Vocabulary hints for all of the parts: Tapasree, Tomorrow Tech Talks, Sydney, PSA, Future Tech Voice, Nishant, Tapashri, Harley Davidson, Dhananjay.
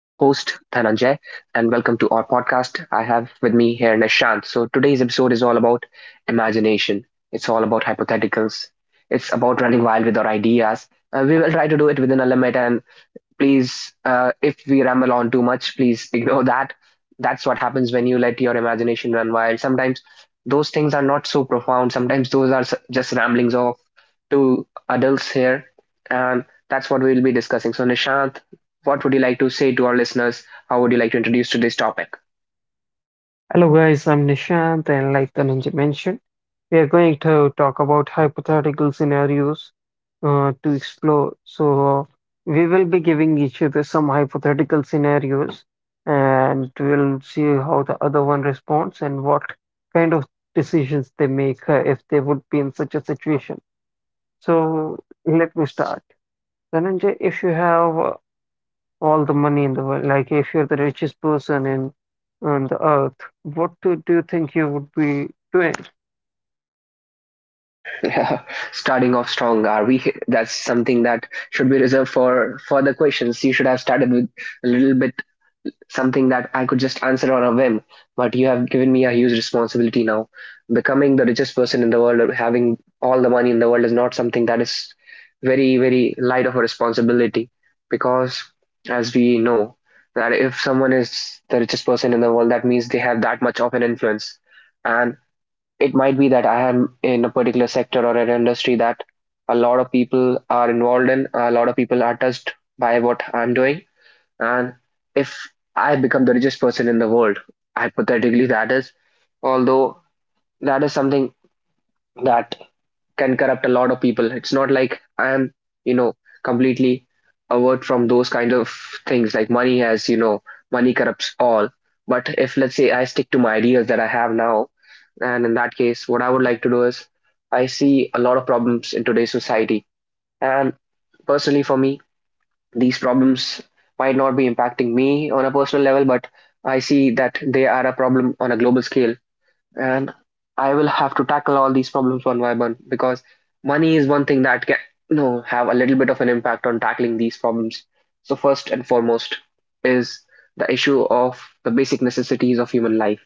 Dhananjay, and welcome to our podcast. I have with me here Nishant. So, today's episode is all about imagination, it's all about hypotheticals, it's about running wild with our ideas. We will try to do it within a limit, and please, if we ramble on too much, please ignore that. That's what happens when you let your imagination run wild. Sometimes those things are not so profound, sometimes those are just ramblings of two adults here. And that's what we will be discussing. So, Nishant, what would you like to say to our listeners? How would you like to introduce today's topic? Hello guys, I'm Nishant and like Dhananjay mentioned, we are going to talk about hypothetical scenarios to explore. So we will be giving each other some hypothetical scenarios and we'll see how the other one responds and what kind of decisions they make if they would be in such a situation. So let me start. Dhananjay, if you have all the money in the world. Like, if you're the richest person in on the Earth, what do you think you would be doing? Starting off strong, are we? That's something that should be reserved for further questions. You should have started with a little bit, something that I could just answer on a whim. But you have given me a huge responsibility now. Becoming the richest person in the world or having all the money in the world is not something that is very, very light of a responsibility, because, as we know, that if someone is the richest person in the world, that means they have that much of an influence. And it might be that I am in a particular sector or an industry that a lot of people are involved in, a lot of people are touched by what I'm doing, and if I become the richest person in the world, hypothetically, that is, although that is something that can corrupt a lot of people. It's not like I am, you know, completely avert from those kind of things. Like money has, money corrupts all. But if, let's say, I stick to my ideas that I have now, and in that case, what I would like to do is I see a lot of problems in today's society. And personally, for me, these problems might not be impacting me on a personal level, but I see that they are a problem on a global scale. And I will have to tackle all these problems one by one, because money is one thing that can, have a little bit of an impact on tackling these problems. So, first and foremost is the issue of the basic necessities of human life,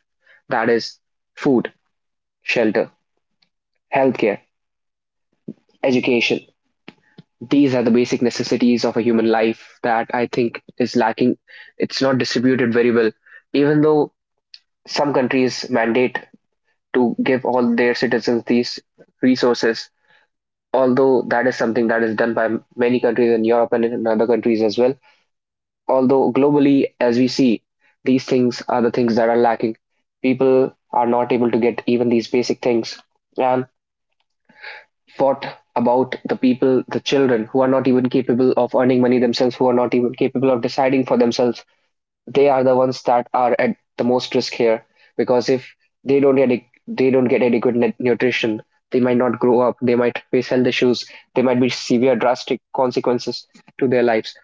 that is, food, shelter, healthcare, education. These are the basic necessities of a human life that I think is lacking. It's not distributed very well, even though some countries mandate to give all their citizens these resources. Although that is something that is done by many countries in Europe and in other countries as well. Although globally, as we see, these things are the things that are lacking. People are not able to get even these basic things. And what about the people, the children, who are not even capable of earning money themselves, who are not even capable of deciding for themselves? They are the ones that are at the most risk here because if they don't get they don't get adequate nutrition, they might not grow up, they might face health issues, they might be severe drastic consequences to their lives.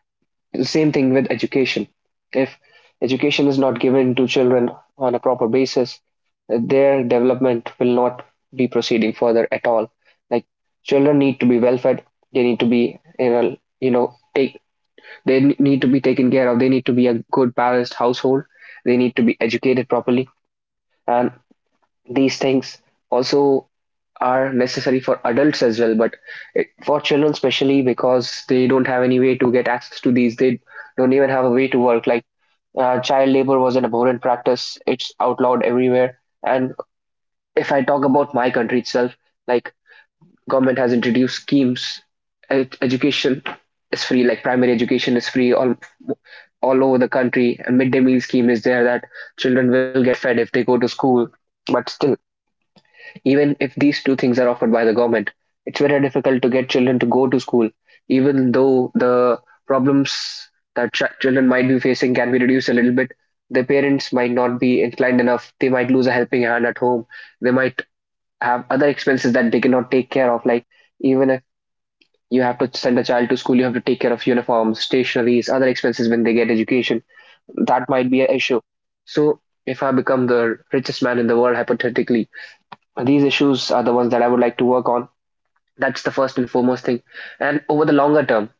The same thing with education. If education is not given to children on a proper basis, their development will not be proceeding further at all. Like children need to be well fed, they need to be in a you know take they need to be taken care of, they need to be a good balanced household, they need to be educated properly, and these things also are necessary for adults as well, but it, for children especially because they don't have any way to get access to these, they don't even have a way to work. Like child labor was an abhorrent practice, it's outlawed everywhere. And if I talk about my country itself, like, government has introduced schemes. Education is free, like primary education is free, all over the country. A midday meal scheme is there, that children will get fed if they go to school. But still, even if these two things are offered by the government, it's very difficult to get children to go to school, even though the problems that children might be facing can be reduced a little bit. Their parents might not be inclined enough. They might lose a helping hand at home. They might have other expenses that they cannot take care of. Like, even if you have to send a child to school, you have to take care of uniforms, stationaries, other expenses when they get education. That might be an issue. So, if I become the richest man in the world, hypothetically, these issues are the ones that I would like to work on. That's the first and foremost thing. And over the longer term,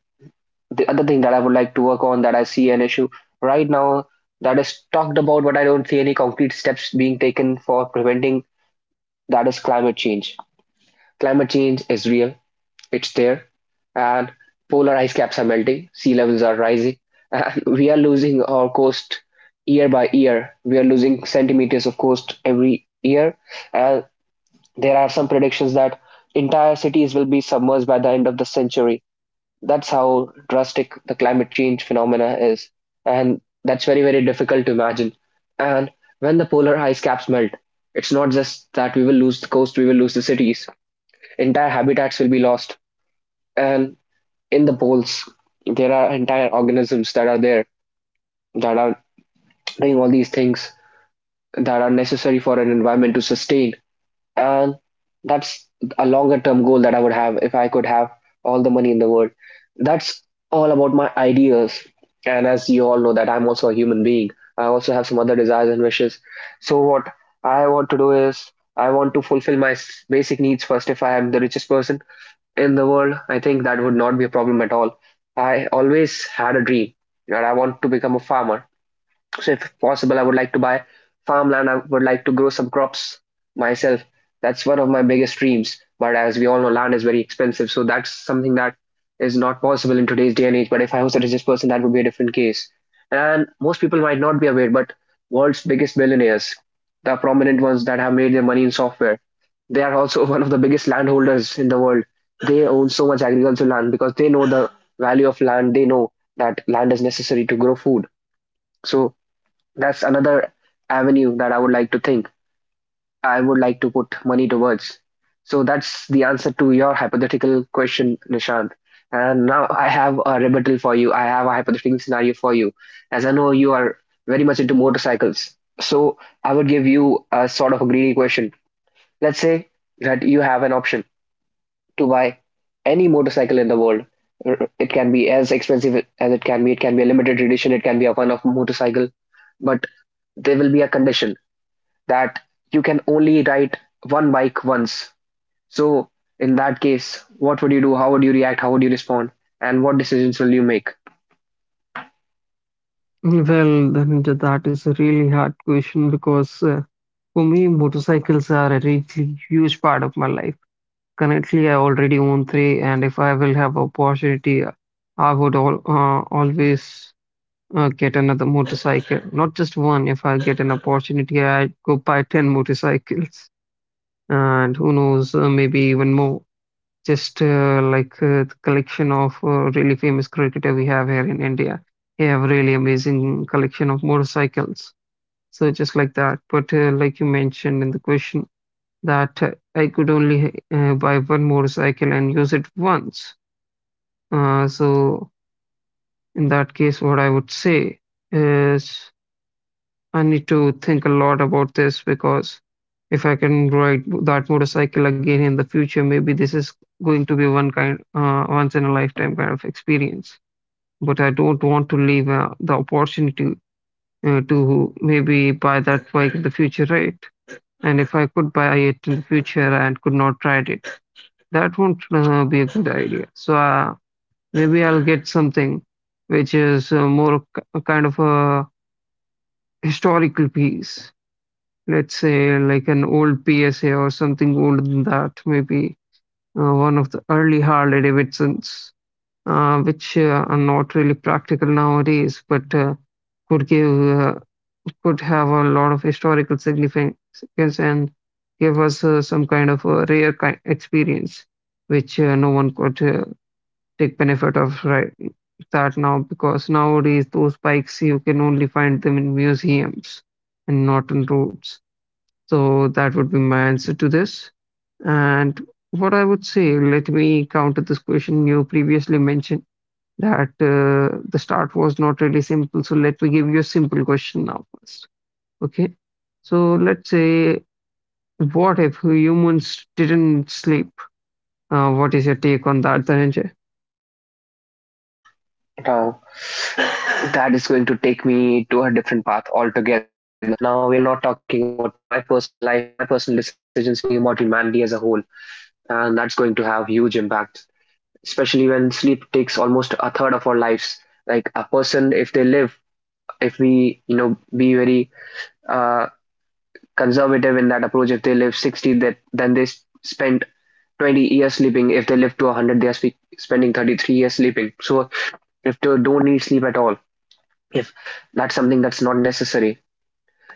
the other thing that I would like to work on, that I see an issue right now, that is talked about, but I don't see any concrete steps being taken for preventing, that is climate change. Climate change is real, it's there, and polar ice caps are melting, sea levels are rising, and we are losing our coast year by year. We are losing centimeters of coast every year, and there are some predictions that entire cities will be submerged by the end of the century. That's how drastic the climate change phenomena is. And that's very, very difficult to imagine. And when the polar ice caps melt, it's not just that we will lose the coast, we will lose the cities. Entire habitats will be lost. And in the poles, there are entire organisms that are there that are doing all these things that are necessary for an environment to sustain. And that's a longer term goal that I would have if I could have all the money in the world. That's all about my ideas. And as you all know that I'm also a human being. I also have some other desires and wishes. So what I want to do is I want to fulfill my basic needs first if I am the richest person in the world. I think that would not be a problem at all. I always had a dream that I want to become a farmer. So if possible, I would like to buy farmland. I would like to grow some crops myself. That's one of my biggest dreams. But as we all know, land is very expensive. So that's something that is not possible in today's day and age. But if I was a richest person, that would be a different case. And most people might not be aware, but world's biggest billionaires, the prominent ones that have made their money in software, they are also one of the biggest landholders in the world. They own so much agricultural land because they know the value of land. They know that land is necessary to grow food. So that's another avenue that I would like to think. I would like to put money towards. So that's the answer to your hypothetical question, Nishant. And now I have a rebuttal for you. I have a hypothetical scenario for you. As I know you are very much into motorcycles. So I would give you a sort of a greedy question. Let's say that you have an option to buy any motorcycle in the world. It can be as expensive as it can be. It can be a limited edition. It can be a one-off motorcycle. But there will be a condition that you can only ride one bike once. So, in that case, what would you do? How would you react? How would you respond? And what decisions will you make? Well, Dhananjay, that is a really hard question because for me, motorcycles are a really huge part of my life. Currently, I already own three, and if I will have opportunity, I would all always get another motorcycle. Not just one. If I get an opportunity, I go buy ten motorcycles, and who knows, maybe even more. Just like the collection of really famous cricketer we have here in India. We have really amazing collection of motorcycles. So just like that. But like you mentioned in the question that I could only buy one motorcycle and use it once. So in that case, what I would say is I need to think a lot about this because if I can ride that motorcycle again in the future, maybe this is going to be once in a lifetime kind of experience. But I don't want to leave the opportunity to maybe buy that bike in the future, right? And if I could buy it in the future and could not ride it, that won't be a good idea. So maybe I'll get something which is a kind of a historical piece, let's say like an old PSA or something older than that, maybe one of the early Harley Davidsons, which are not really practical nowadays, but could give uh, could have a lot of historical significance and give us some kind of a rare kind experience, which no one could take benefit of right that now because nowadays those bikes you can only find them in museums and not on roads. So that would be my answer to this. And what I would say, let me counter this question you previously mentioned that the start was not really simple. So let me give you a simple question now first. Okay. So let's say, what if humans didn't sleep? What is your take on that, Dhananjay? Now, that is going to take me to a different path altogether. Now, we are not talking about my personal life, my personal decisions. We are talking about humanity as a whole. And that's going to have huge impact, especially when sleep takes almost a third of our lives. Like a person, if they live, if we, be very uh, conservative in that approach. If they live 60, that then they spend 20 years sleeping. If they live to 100, they are spending 33 years sleeping. So if they don't need sleep at all, if that's something that's not necessary,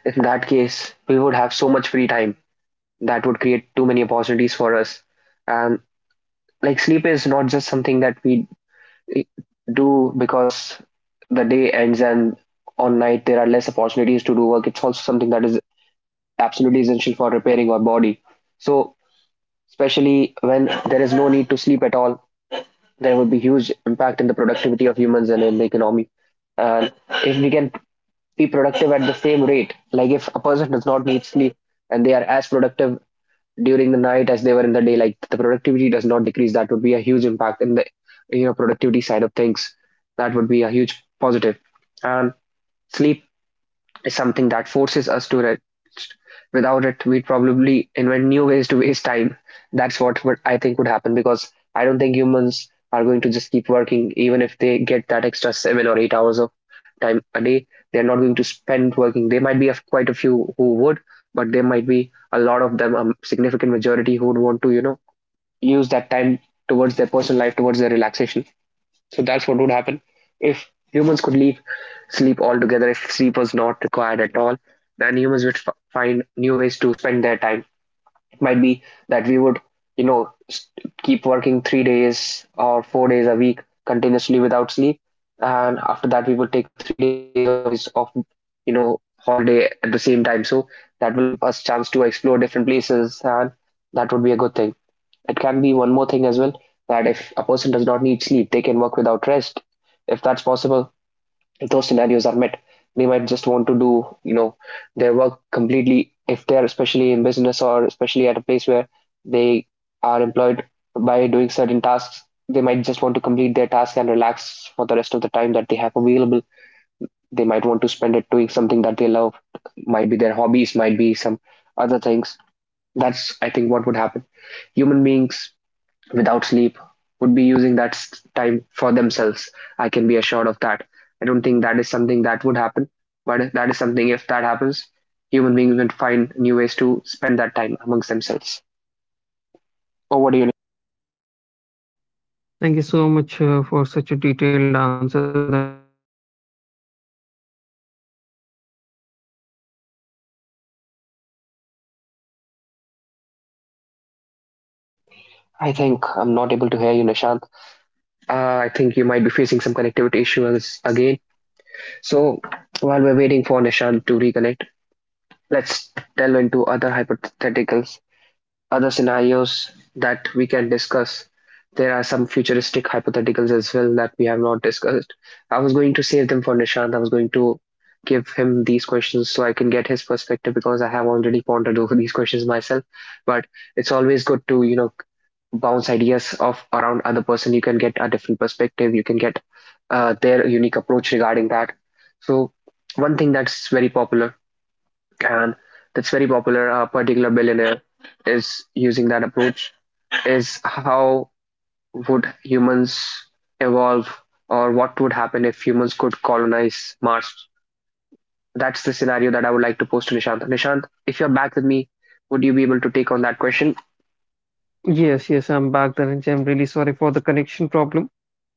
in that case, we would have so much free time that would create too many opportunities for us. And like sleep is not just something that we eh, do because the day ends and on night there are less opportunities to do work. It's also something that is absolutely essential for repairing our body. So especially when there is no need to sleep at all. There would be huge impact in the productivity of humans and in the economy. And if we can be productive at the same rate, like if a person does not need sleep and they are as productive during the night as they were in the day, like the productivity does not decrease. That would be a huge impact in the productivity side of things. That would be a huge positive. And sleep is something that forces us to rest. Without it, we'd probably invent new ways to waste time. That's what I think would happen, because I don't think humans are going to just keep working even if they get that extra 7 or 8 hours of time a day. They're not going to spend working. There might be a, quite a few who would, but there might be a lot of them, a significant majority who would want to, use that time towards their personal life, towards their relaxation. So that's what would happen if humans could leave sleep altogether. If sleep was not required at all, then humans would find new ways to spend their time. It might be that we would, you know, s- keep working 3 days or 4 days a week continuously without sleep, and after that we will take 3 days or 4 days of, holiday at the same time. So that will give us chance to explore different places, and that would be a good thing. It can be one more thing as well, that if a person does not need sleep, they can work without rest. If that's possible, if those scenarios are met, they might just want to do, their work completely, if they're especially in business or especially at a place where they are employed by doing certain tasks. They might just want to complete their task and relax for the rest of the time that they have available. They might want to spend it doing something that they love, might be their hobbies, might be some other things. That's, I think, what would happen. Human beings without sleep would be using that time for themselves. I can be assured of that. I don't think that is something that would happen, but that is something, if that happens, human beings will find new ways to spend that time amongst themselves. Or what do you? Thank you so much for such a detailed answer, Dhananjay. And I was not expecting you to go so, so deep into such a really small question. I I think think I'm I'm not not able able to to hear hear you, you, Nishant. Nishant. Uh, I Uh, think you might be facing some connectivity issues again. So while we're waiting for Nishant to reconnect, let's delve into other hypotheticals, other scenarios that we can discuss. There are some futuristic hypotheticals as well that we have not discussed. I I was was going to going to say save them something. for Nishant. I was going to give him these questions so I can get his perspective, because I have already pondered over these questions myself. But it's always good to, bounce ideas off around other person. You can get a different perspective. You can get their unique approach regarding that. So one thing that's very popular, and that's very popular. A particular billionaire is using that approach. Is how would humans evolve, or what would happen if humans could colonize Mars? That's the scenario that I would like to pose to Nishant. Nishant, if you're back with me, would you be able to take Okay. on that question? Yes, yes, I'm back, Dhananjay. I'm really sorry for the connection problem.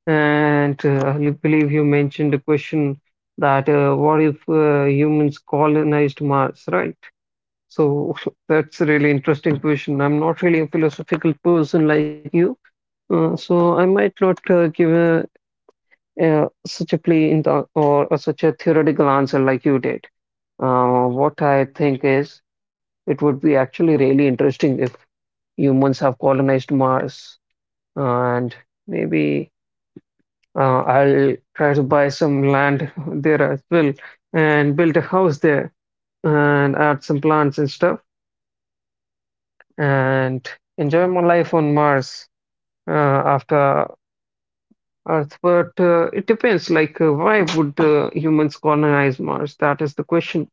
And I believe you mentioned a question that what if humans colonized Mars, right? So that's a really interesting question. I'm not really a philosophical person like you, so I might not give such a play in or such a theoretical answer like you did. What I think is, it would be actually really interesting if humans have colonized Mars, and maybe I'll try to buy some land there as well and build a house there and add some plants and stuff and enjoy my life on Mars after Earth. But it depends, like, why would humans colonize Mars? That is the question.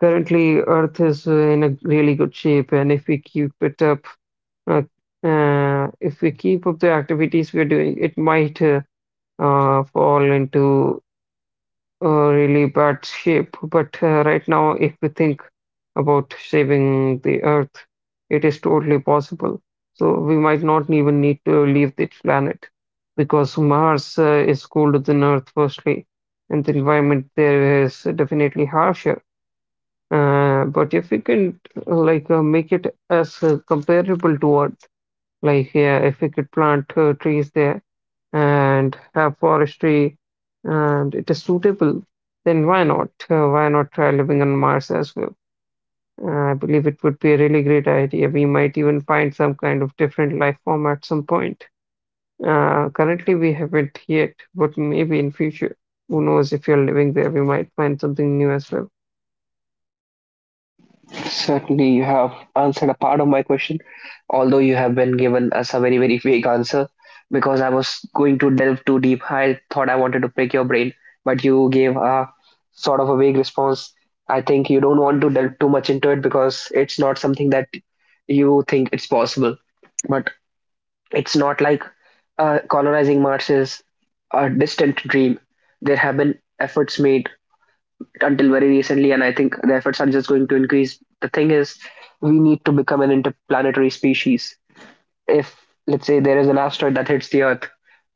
Currently, Earth is in a really good shape, and if we keep it up uh, if we keep up the activities we're doing, it might fall into a really bad shape. But right now, if we think about saving the Earth, it is totally possible. So we might not even need to leave this planet because Mars is colder than Earth, firstly, and the environment there is definitely harsher. But if we can make it as comparable to Earth, like, yeah, if we could plant trees there and have forestry and it is suitable, then why not? Why not try living on Mars as well? I believe it would be a really great idea. We might even find some kind of different life form at some point. Currently, we haven't yet, but maybe in future. Who knows, if you're living there, we might find something new as well. Certainly, you have answered a part of my question, although you have been given us a very, very vague answer, because I was going to delve too deep. I thought I wanted to pick your brain, but you gave a sort of a vague response. I think you don't want to delve too much into it because it's not something that you think it's possible. But it's not like colonizing Mars is a distant dream. There have been efforts made until very recently, and I think the efforts are just going to increase. The thing is, we need to become an interplanetary species. If, let's say, there is an asteroid that hits the Earth,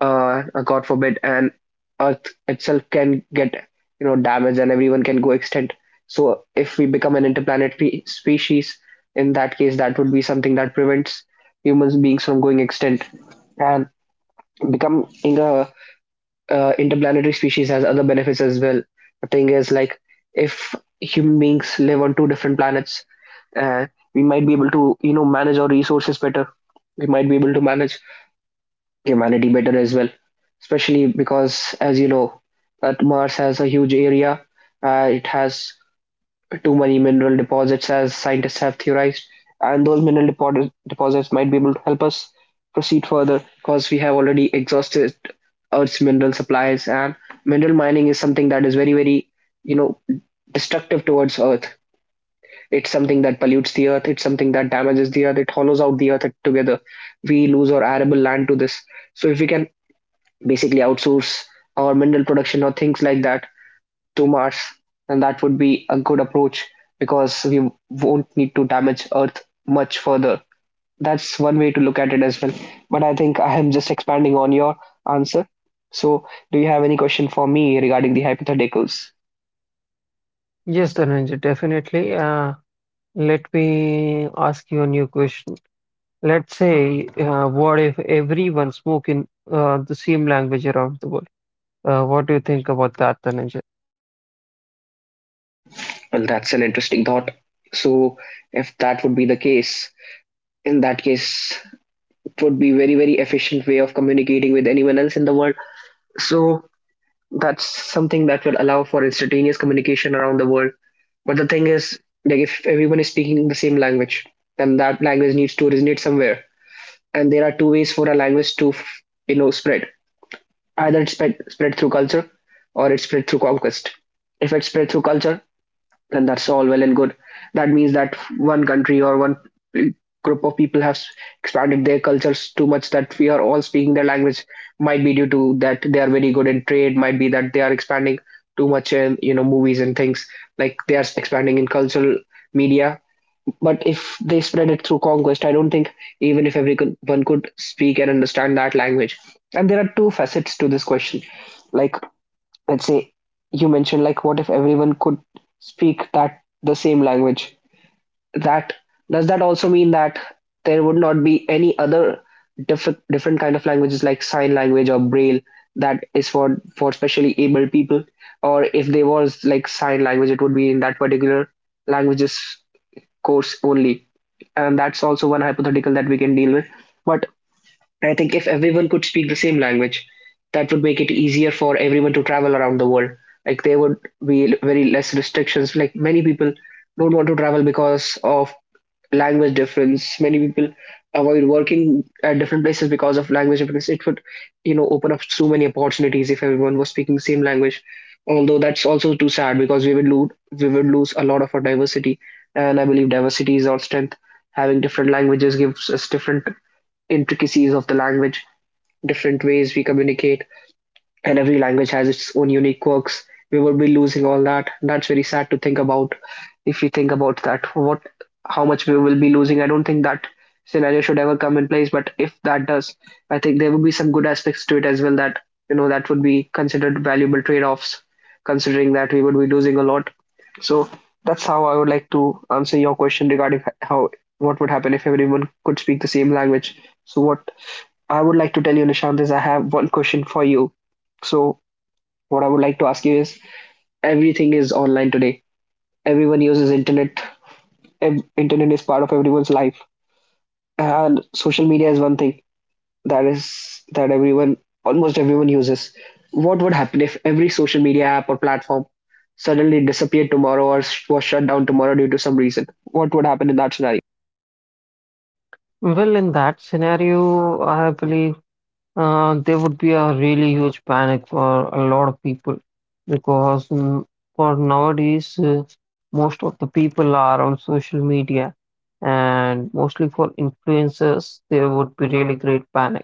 God forbid, and Earth itself can get, damaged and everyone can go extinct. So if we become an interplanetary species, in that case, that would be something that prevents humans beings from going extinct, and becoming a interplanetary species has other benefits as well. The thing is, like, if human beings live on two different planets, uh, we might be able to, manage our resources better. We might be able to manage humanity better as well, especially because, as you know, that Mars has a huge area. It has too many mineral deposits, as scientists have theorized, and those mineral deposits might be able to help us proceed further, because we have already exhausted Earth's mineral supplies, and mineral mining is something that is very, very, you know, destructive towards Earth. It's something that pollutes the Earth. It's something that damages the Earth. It hollows out the Earth together. We lose our arable land to this. So if we can basically outsource our mineral production or things like that to Mars, and that would be a good approach because we won't need to damage Earth much further. That's one way to look at it as well. But I think I am just expanding on your answer. So, do you have any question for me regarding the hypotheticals? Yes, Dhananjay, definitely. Let me ask you a new question. Let's say, what if everyone spoke in the same language around the world? What do you think about that, Dhananjay? Well, that's an interesting thought. So, if that would be the case, in that case, it would be very very efficient way of communicating with anyone else in the world. So, that's something that will allow for instantaneous communication around the world. But the thing is, like if everyone is speaking the same language, then that language needs to resonate somewhere. And there are two ways for a language to, spread. Either it's spread through culture, or it's spread through conquest. If it's spread through culture, then that's all well and good. That means that one country or one group of people has expanded their cultures too much that we are all speaking their language. Might be due to that they are very good in trade. Might be that they are expanding too much in movies and things, like they are expanding in cultural media. But if they spread it through conquest, I don't think even if everyone could speak and understand that language. And there are two facets to this question. Like, let's say, you mentioned like what if everyone could speak that the same language, that does that also mean that there would not be any other different kind of languages like sign language or braille that is for specially able people, or if there was like sign language it would be in that particular languages course only, and that's also one hypothetical that we can deal with. But I think if everyone could speak the same language, that would make it easier for everyone to travel around the world. Like there would be very less restrictions. Like many people don't want to travel because of language difference. Many people avoid working at different places because of language difference. It would, open up so many opportunities if everyone was speaking the same language. Although that's also too sad because we would lose a lot of our diversity. And I believe diversity is our strength. Having different languages gives us different intricacies of the language, different ways we communicate, and every language has its own unique quirks. We would be losing all that. That's very sad to think about. If we think about that, what, how much we will be losing. I don't think that scenario should ever come in place. But if that does, I think there would be some good aspects to it as well. That that would be considered valuable trade-offs, considering that we would be losing a lot. So that's how I would like to answer your question regarding how what would happen if everyone could speak the same language. So what I would like to tell you, Nishant, is I have one question for you. So what I would like to ask you is, everything is online today. Everyone uses internet. Internet is part of everyone's life. And social media is one thing that is that everyone almost everyone uses. What would happen if every social media app or platform suddenly disappeared tomorrow, or was shut down tomorrow due to some reason? What would happen in that scenario? Well, in that scenario, I believe there would be a really huge panic for a lot of people because for nowadays, most of the people are on social media, and mostly for influencers, there would be really great panic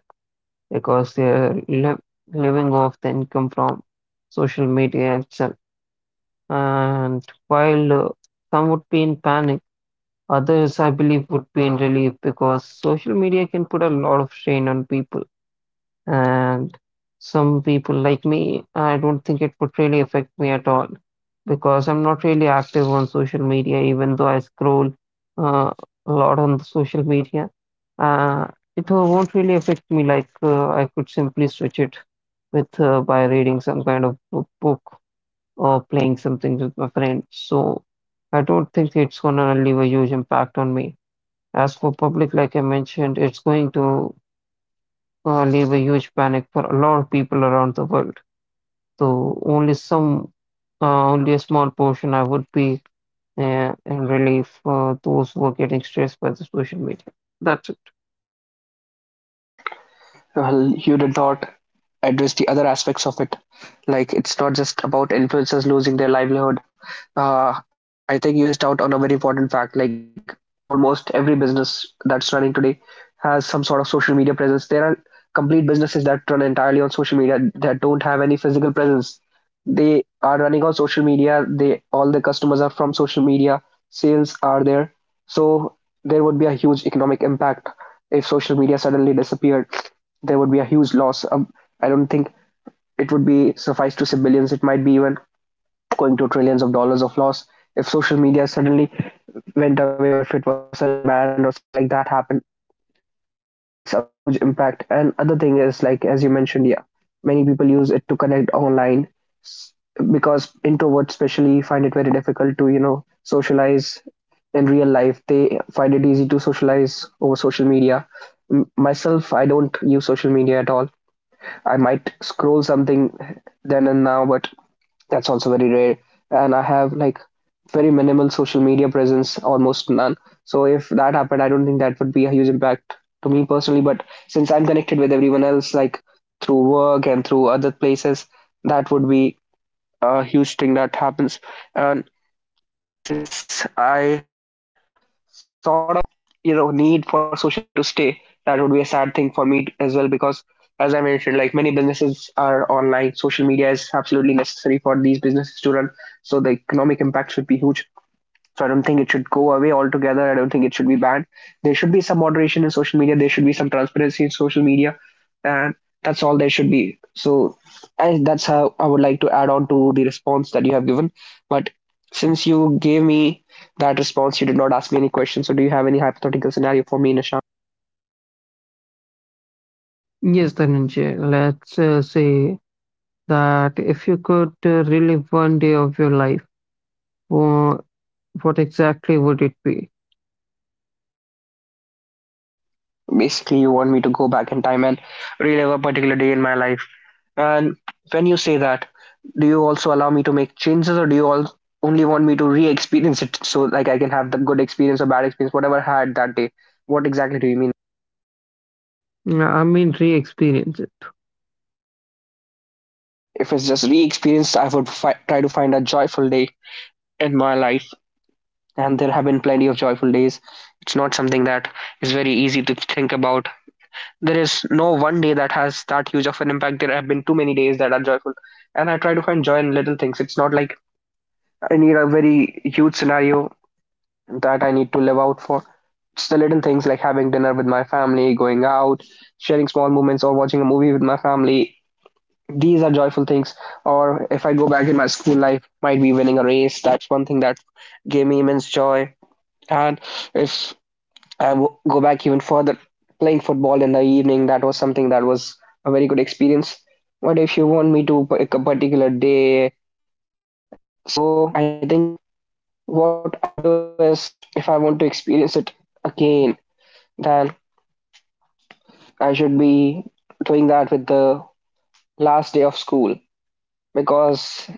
because they're li living off the income from social media itself. And while some would be in panic, others, I believe, would be in relief because social media can put a lot of strain on people. And some people, like me, I don't think it would really affect me at all because I'm not really active on social media, even though I scroll uh, a lot on the social media. Uh, it won't really affect me, like, I could simply switch it with by reading some kind of book or playing something with my friend. So I don't think it's gonna leave a huge impact on me. As for public, like I mentioned, it's going to leave a huge panic for a lot of people around the world. So only some, only a small portion I would be in relief for those who are getting stressed by the social media. That's it. Well, you did not address the other aspects of it. Like it's not just about influencers losing their livelihood. I think you missed out on a very important fact. Like almost every business that's running today has some sort of social media presence. There are complete businesses that run entirely on social media that don't have any physical presence. They are running on social media. They all the customers are from social media. Sales are there, so there would be a huge economic impact if social media suddenly disappeared. There would be a huge loss. I don't think it would be suffice to say billions. It might be even going to trillions of dollars of loss if social media suddenly went away or if it was suddenly banned or something like that happened. That's a huge impact. And other thing is like as you mentioned, yeah, many people use it to connect online because introverts especially find it very difficult to socialize in real life. They find it easy to socialize over social media. Myself, I don't use social media at all. I might scroll something then and now, but that's also very rare. And I have like very minimal social media presence, almost none. So if that happened, I don't think that would be a huge impact to me personally, but since I'm connected with everyone else, like through work and through other places, that would be a huge thing that happens. And since I have sort of need for social media to stay, that would be a sad thing for me as well, because as I mentioned, like many businesses are online, social media is absolutely necessary for these businesses to run. So the economic impact should be huge. So I don't think it should go away altogether. I don't think it should be banned. There should be some moderation in social media. There should be some transparency in social media, and that's all there should be. So that's how I would like to add on to the response that you have given. But since you gave me that response, you did not ask me any questions. So do you have any hypothetical scenario for me, Nisha? Yes, Dhananjay, let's say that if you could relive one day of your life, wha- what exactly would it be? Basically, you want me to go back in time and relive a particular day in my life. And when you say that, do you also allow me to make changes, or do you all only want me to re-experience it, so like I can have the good experience or bad experience, whatever I had that day? What exactly do you mean? Yeah, I mean, re-experience it. If it's just re-experience, I would try to find a joyful day in my life. And there have been plenty of joyful days. It's not something that is very easy to think about. There is no one day that has that huge of an impact. There have been too many days that are joyful. And I try to find joy in little things. It's not like I need a very huge scenario that I need to live out for. It's the little things like having dinner with my family, going out, sharing small moments, or watching a movie with my family. These are joyful things. Or if I go back in my school life, might be winning a race. That's one thing that gave me immense joy. And if I go back even further, playing football in the evening, that was something that was a very good experience. But if you want me to pick a particular day, uh, so I think what I should do is, if I want to experience it again, then I should be doing that with the last day of school, because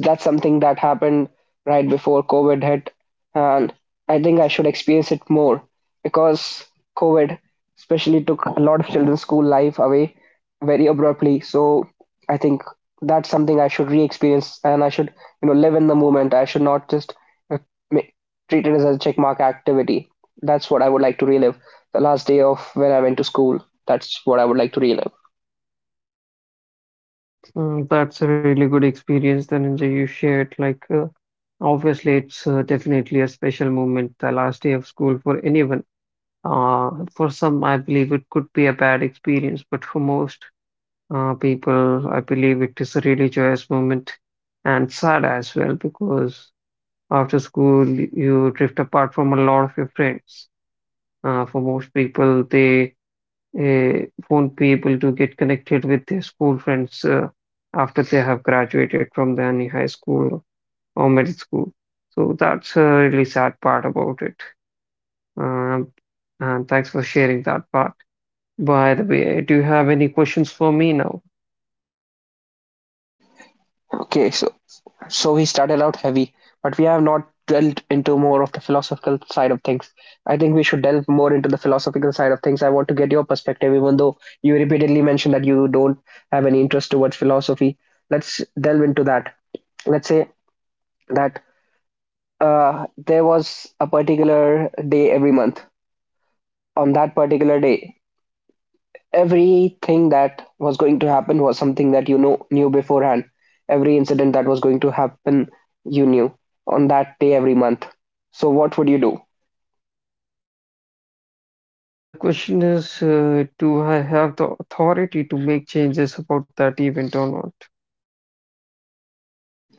that's something that happened right before COVID hit, and I think I should experience it more because COVID especially took a lot of children's school life away very abruptly. So I think that's something I should re-experience, and I should live in the moment. I should not just uh, ma- treat it as a checkmark activity. That's what I would like to relive. The last day of when I went to school. That's what I would like to relive. Mm, that's a really good experience, Dhananjay, you shared. Like, obviously, it's definitely a special moment, the last day of school for anyone. Uh, for some, I believe it could be a bad experience, but for most people, I believe it is a really joyous moment and sad as well because after school, you drift apart from a lot of your friends. For most people, they won't be able to get connected with their school friends after they have graduated from the any high school or middle school. So that's a really sad part about it. Um, and thanks for sharing that part. By the way, do you have any questions for me now? Okay, so he started out heavy, but we have not delved into more of the philosophical side of things. I think we should delve more into the philosophical side of things. I want to get your perspective, even though you repeatedly mentioned that you don't have any interest towards philosophy. Let's delve into that. Let's say that there was a particular day every month. On that particular day, everything that was going to happen was something that knew beforehand. Every incident that was going to happen, you knew, on that day every month. So what would you do? The question is, do I have the authority to make changes about that event or not?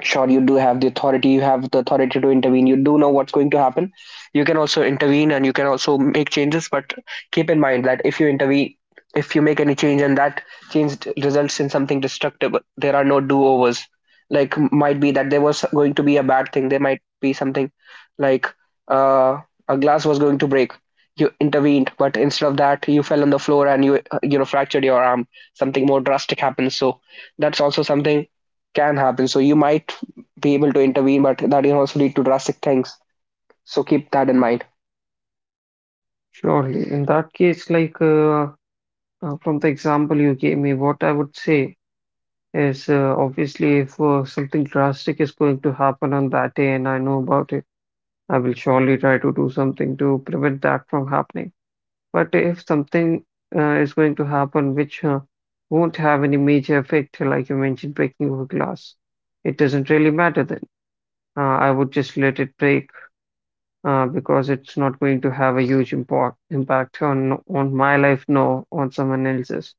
Sure, you do have the authority. You have the authority to intervene. You do know what's going to happen. You can also intervene and you can also make changes, but keep in mind that if you intervene, if you make any change, and that change results in something destructive, there are no do-overs. Like, might be that there was going to be a bad thing. There might be something like, uh, a glass was going to break. You intervened, but instead of that, you fell on the floor and you you know fractured your arm. Something more drastic happens. So that's also something can happen. So you might be able to intervene, but that can also lead to drastic things. So keep that in mind. Surely. In that case, like from the example you gave me, what I would say is obviously if something drastic is going to happen on that day and I know about it, I will surely try to do something to prevent that from happening. But if something is going to happen which won't have any major effect, like you mentioned, breaking of a glass, it doesn't really matter then. I would just let it break because it's not going to have a huge import impact on my life, no, on someone else's.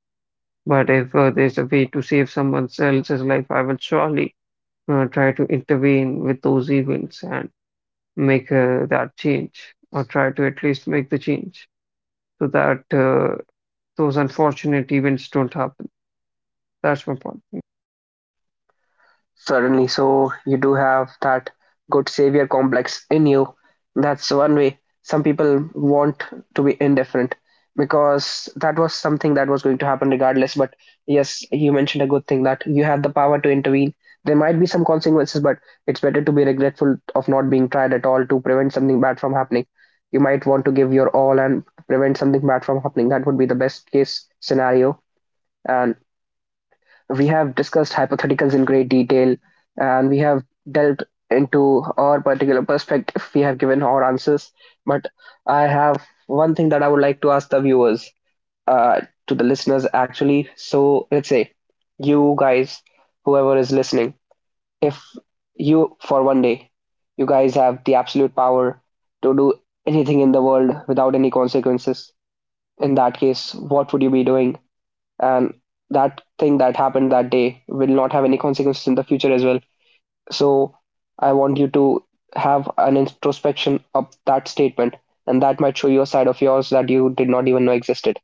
But if there's a way to save someone else's life, I will surely try to intervene with those events and make that change, or try to at least make the change so that those unfortunate events don't happen. That's my point. Certainly. So you do have that good savior complex in you. That's one way. Some people want to be indifferent because that was something that was going to happen regardless. But yes, you mentioned a good thing, that you have the power to intervene. There might be some consequences, but it's better to be regretful of not being tried at all to prevent something bad from happening. You might want to give your all and prevent something bad from happening. That would be the best case scenario. And we have discussed hypotheticals in great detail, and we have delved into our particular perspective. We have given our answers. But I have one thing that I would like to ask the viewers, uh, to the listeners actually. So let's say you guys, whoever is listening, if you for one day, you guys have the absolute power to do anything in the world without any consequences, in that case, what would you be doing? And that thing that happened that day will not have any consequences in the future as well. So I want you to have an introspection of that statement, and that might show you a side of yours that you did not even know existed.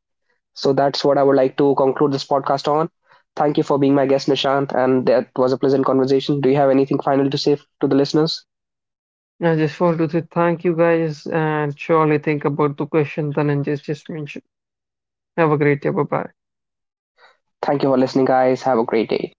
So that's what I would like to conclude this podcast on. Thank you for being my guest, Nishant, and that was a pleasant conversation. Do you have anything final to say to the listeners? I just want to say thank you guys and surely think about the question Dhananjay just mentioned. Have a great day. Bye bye. Thank you for listening, guys. Have a great day.